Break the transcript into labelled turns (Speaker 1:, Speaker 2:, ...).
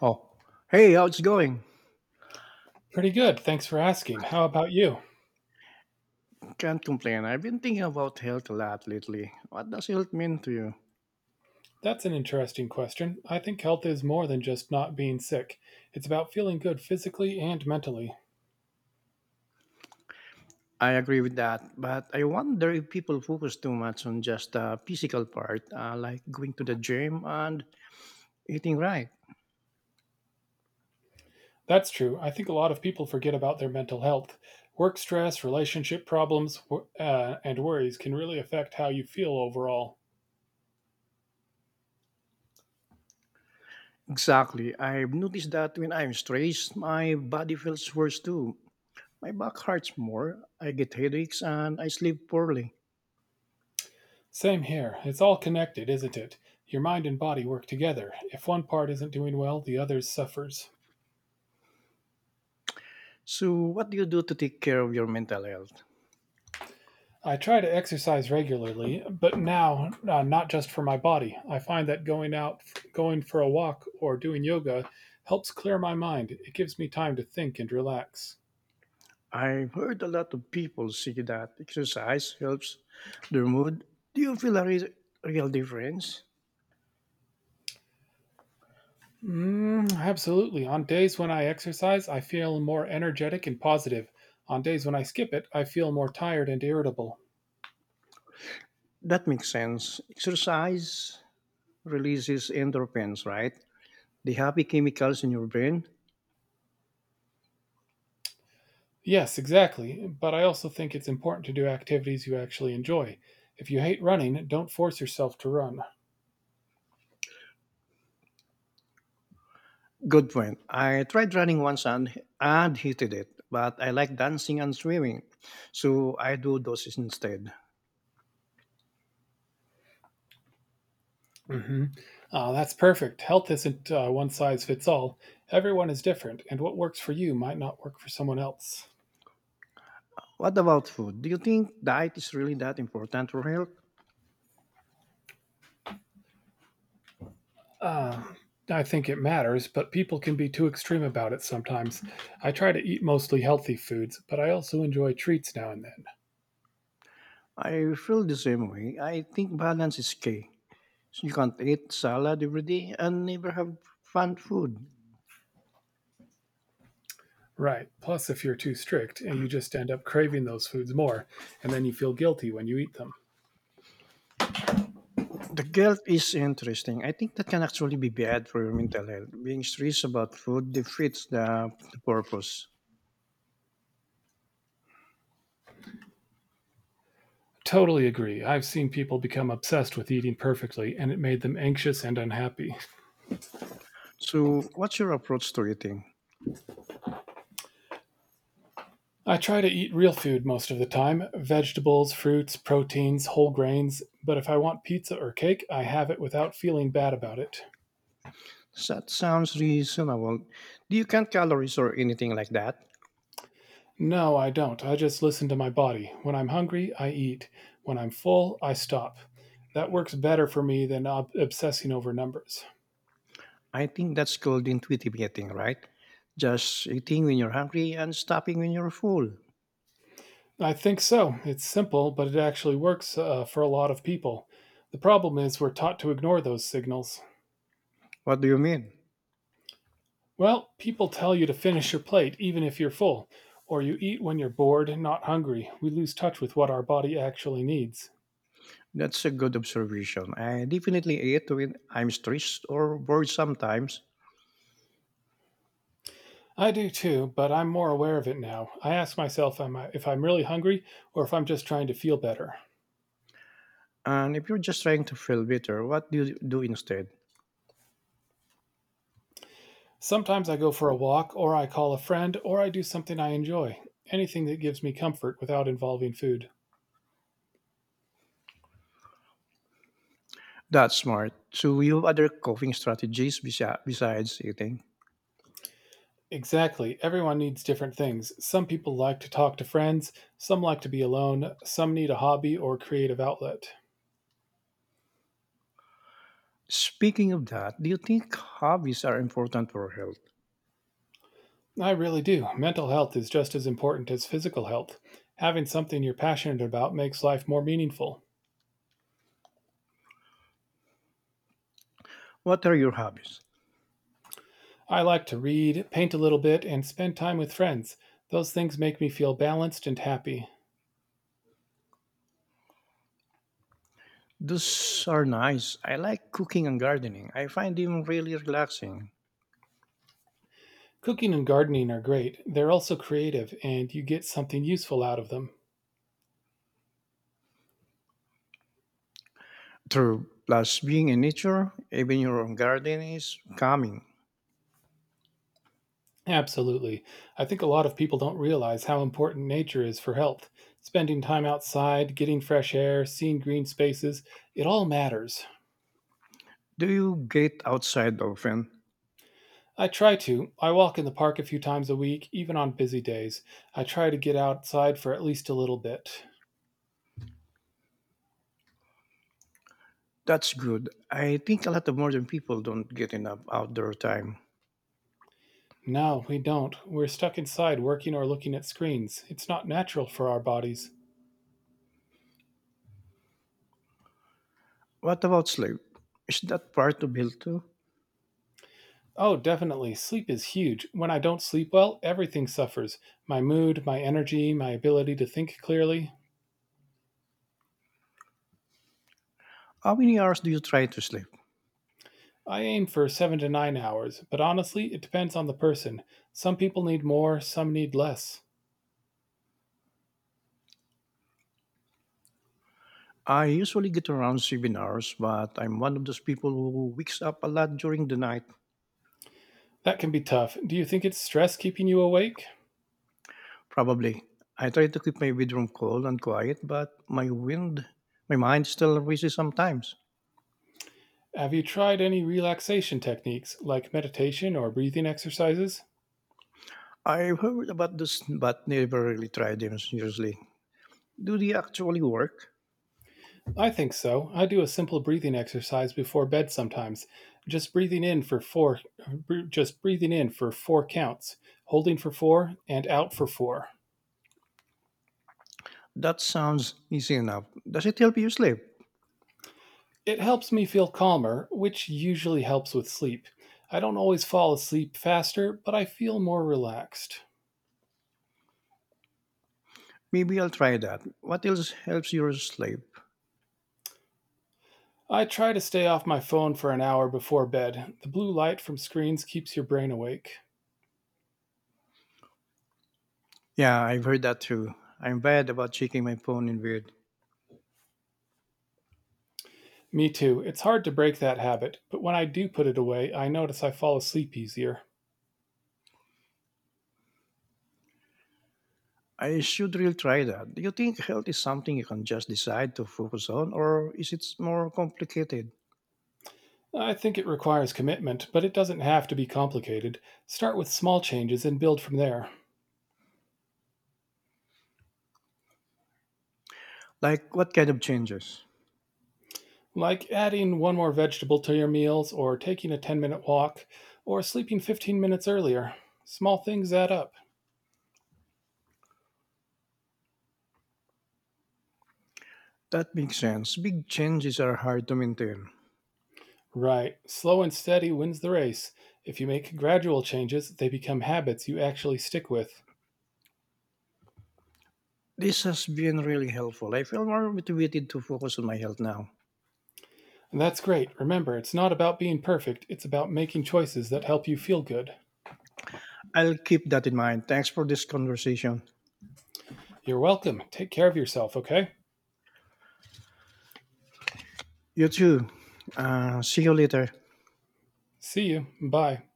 Speaker 1: Oh, hey, how's it going?
Speaker 2: Pretty good. Thanks for asking. How about you?
Speaker 1: Can't complain. I've been thinking about health a lot lately. What does health mean to you?
Speaker 2: That's an interesting question. I think health is more than just not being sick, it's about feeling good physically and mentally.
Speaker 1: I agree with that, but I wonder if people focus too much on just the physical part, like going to the gym and eating right.
Speaker 2: That's true. I think a lot of people forget about their mental health. Work stress, relationship problems, and worries can really affect how you feel overall.
Speaker 1: Exactly. I've noticed that when I'm stressed, my body feels worse too. My back hurts more, I get headaches, and I sleep poorly.
Speaker 2: Same here. It's all connected, isn't it? Your mind and body work together. If one part isn't doing well, the others suffers.
Speaker 1: So, what do you do to take care of your mental health?
Speaker 2: I try to exercise regularly, but now not just for my body. I find that going out, going for a walk, or doing yoga helps clear my mind. It gives me time to think and relax.
Speaker 1: I've heard a lot of people say that exercise helps their mood. Do you feel a real difference?
Speaker 2: Mm, absolutely. On days when I exercise, I feel more energetic and positive. On days when I skip it, I feel more tired and irritable.
Speaker 1: That makes sense. Exercise releases endorphins, right? The happy chemicals in your brain.
Speaker 2: Yes, exactly. But I also think it's important to do activities you actually enjoy. If you hate running, don't force yourself to run.
Speaker 1: Good point. I tried running once and hated it, but I like dancing and swimming, so I do those instead.
Speaker 2: Mhm. That's perfect. Health isn't one size fits all. Everyone is different, and what works for you might not work for someone else.
Speaker 1: What about food? Do you think diet is really that important for health?
Speaker 2: Uh, I think it matters, but people can be too extreme about it sometimes. I try to eat mostly healthy foods, but I also enjoy treats now and then.
Speaker 1: I feel the same way. I think balance is key. So you can't eat salad every day and never have fun food.
Speaker 2: Right. Plus, if you're too strict, you just end up craving those foods more, and then you feel guilty when you eat them.
Speaker 1: The guilt is interesting. I think that can actually be bad for your mental health. Being stressed about food defeats the purpose.
Speaker 2: Totally agree. I've seen people become obsessed with eating perfectly, and it made them anxious and unhappy.
Speaker 1: So, what's your approach to eating?
Speaker 2: I try to eat real food most of the time, vegetables, fruits, proteins, whole grains, but if I want pizza or cake, I have it without feeling bad about it.
Speaker 1: That sounds reasonable. Do you count calories or anything like that?
Speaker 2: No, I don't. I just listen to my body. When I'm hungry, I eat. When I'm full, I stop. That works better for me than obsessing over numbers.
Speaker 1: I think that's called intuitive eating, right? Just eating when you're hungry and stopping when you're full.
Speaker 2: I think so. It's simple, but it actually works for a lot of people. The problem is we're taught to ignore those signals.
Speaker 1: What do you mean?
Speaker 2: Well, people tell you to finish your plate even if you're full, or you eat when you're bored and not hungry. We lose touch with what our body actually needs.
Speaker 1: That's a good observation. I definitely eat when I'm stressed or bored sometimes.
Speaker 2: I do too, but I'm more aware of it now. I ask myself if I'm really hungry or if I'm just trying to feel better.
Speaker 1: And if you're just trying to feel better, what do you do instead?
Speaker 2: Sometimes I go for a walk, or I call a friend, or I do something I enjoy. Anything that gives me comfort without involving food.
Speaker 1: That's smart. So you have other coping strategies besides eating.
Speaker 2: Exactly. Everyone needs different things. Some people like to talk to friends, some like to be alone, some need a hobby or creative outlet.
Speaker 1: Speaking of that, do you think hobbies are important for health?
Speaker 2: I really do. Mental health is just as important as physical health. Having something you're passionate about makes life more meaningful.
Speaker 1: What are your hobbies?
Speaker 2: I like to read, paint a little bit, and spend time with friends. Those things make me feel balanced and happy.
Speaker 1: Those are nice. I like cooking and gardening. I find them really relaxing.
Speaker 2: Cooking and gardening are great. They're also creative, and you get something useful out of them.
Speaker 1: True. Plus, being in nature, even your own garden is calming.
Speaker 2: Absolutely. I think a lot of people don't realize how important nature is for health. Spending time outside, getting fresh air, seeing green spaces, it all matters.
Speaker 1: Do you get outside often?
Speaker 2: I try to. I walk in the park a few times a week, even on busy days. I try to get outside for at least a little bit.
Speaker 1: That's good. I think a lot of modern people don't get enough outdoor time.
Speaker 2: No, we don't. We're stuck inside working or looking at screens. It's not natural for our bodies.
Speaker 1: What about sleep? Is that part of build too?
Speaker 2: Oh, definitely. Sleep is huge. When I don't sleep well, everything suffers, my mood, my energy, my ability to think clearly.
Speaker 1: How many hours do you try to sleep?
Speaker 2: I aim for 7 to 9 hours, but honestly, it depends on the person. Some people need more, some need less.
Speaker 1: I usually get around 7 hours, but I'm one of those people who wakes up a lot during the night.
Speaker 2: That can be tough. Do you think it's stress keeping you awake?
Speaker 1: Probably. I try to keep my bedroom cool and quiet, but my wind, my mind still races sometimes.
Speaker 2: Have you tried any relaxation techniques like meditation or breathing exercises?
Speaker 1: I've heard about this, but never really tried them seriously. Do they actually work?
Speaker 2: I think so. I do a simple breathing exercise before bed sometimes. Just breathing in for 4 br- Just breathing in for 4 counts, holding for 4 and out for 4.
Speaker 1: That sounds easy enough. Does it help you sleep?
Speaker 2: It helps me feel calmer, which usually helps with sleep. I don't always fall asleep faster, but I feel more relaxed.
Speaker 1: Maybe I'll try that. What else helps you sleep?
Speaker 2: I try to stay off my phone for an hour before bed. The blue light from screens keeps your brain awake.
Speaker 1: Yeah, I've heard that too. I'm bad about checking my phone in bed.
Speaker 2: Me too. It's hard to break that habit, but when I do put it away, I notice I fall asleep easier.
Speaker 1: I should really try that. Do you think health is something you can just decide to focus on, or is it more complicated?
Speaker 2: I think it requires commitment, but it doesn't have to be complicated. Start with small changes and build from there,
Speaker 1: Like, what kind of changes?
Speaker 2: like adding one more vegetable to your meals, or taking a 10-minute walk, or sleeping 15 minutes earlier. Small things add up.
Speaker 1: That makes sense. Big changes are hard to maintain.
Speaker 2: Right. Slow and steady wins the race. If you make gradual changes, they become habits you actually stick with.
Speaker 1: This has been really helpful. I feel more motivated to focus on my health now.
Speaker 2: And that's great. Remember, it's not about being perfect, it's about making choices that help you feel good.
Speaker 1: I'll keep that in mind. Thanks for this conversation.
Speaker 2: You're welcome. Take care of yourself, okay?
Speaker 1: You too. See you later.
Speaker 2: See you. Bye.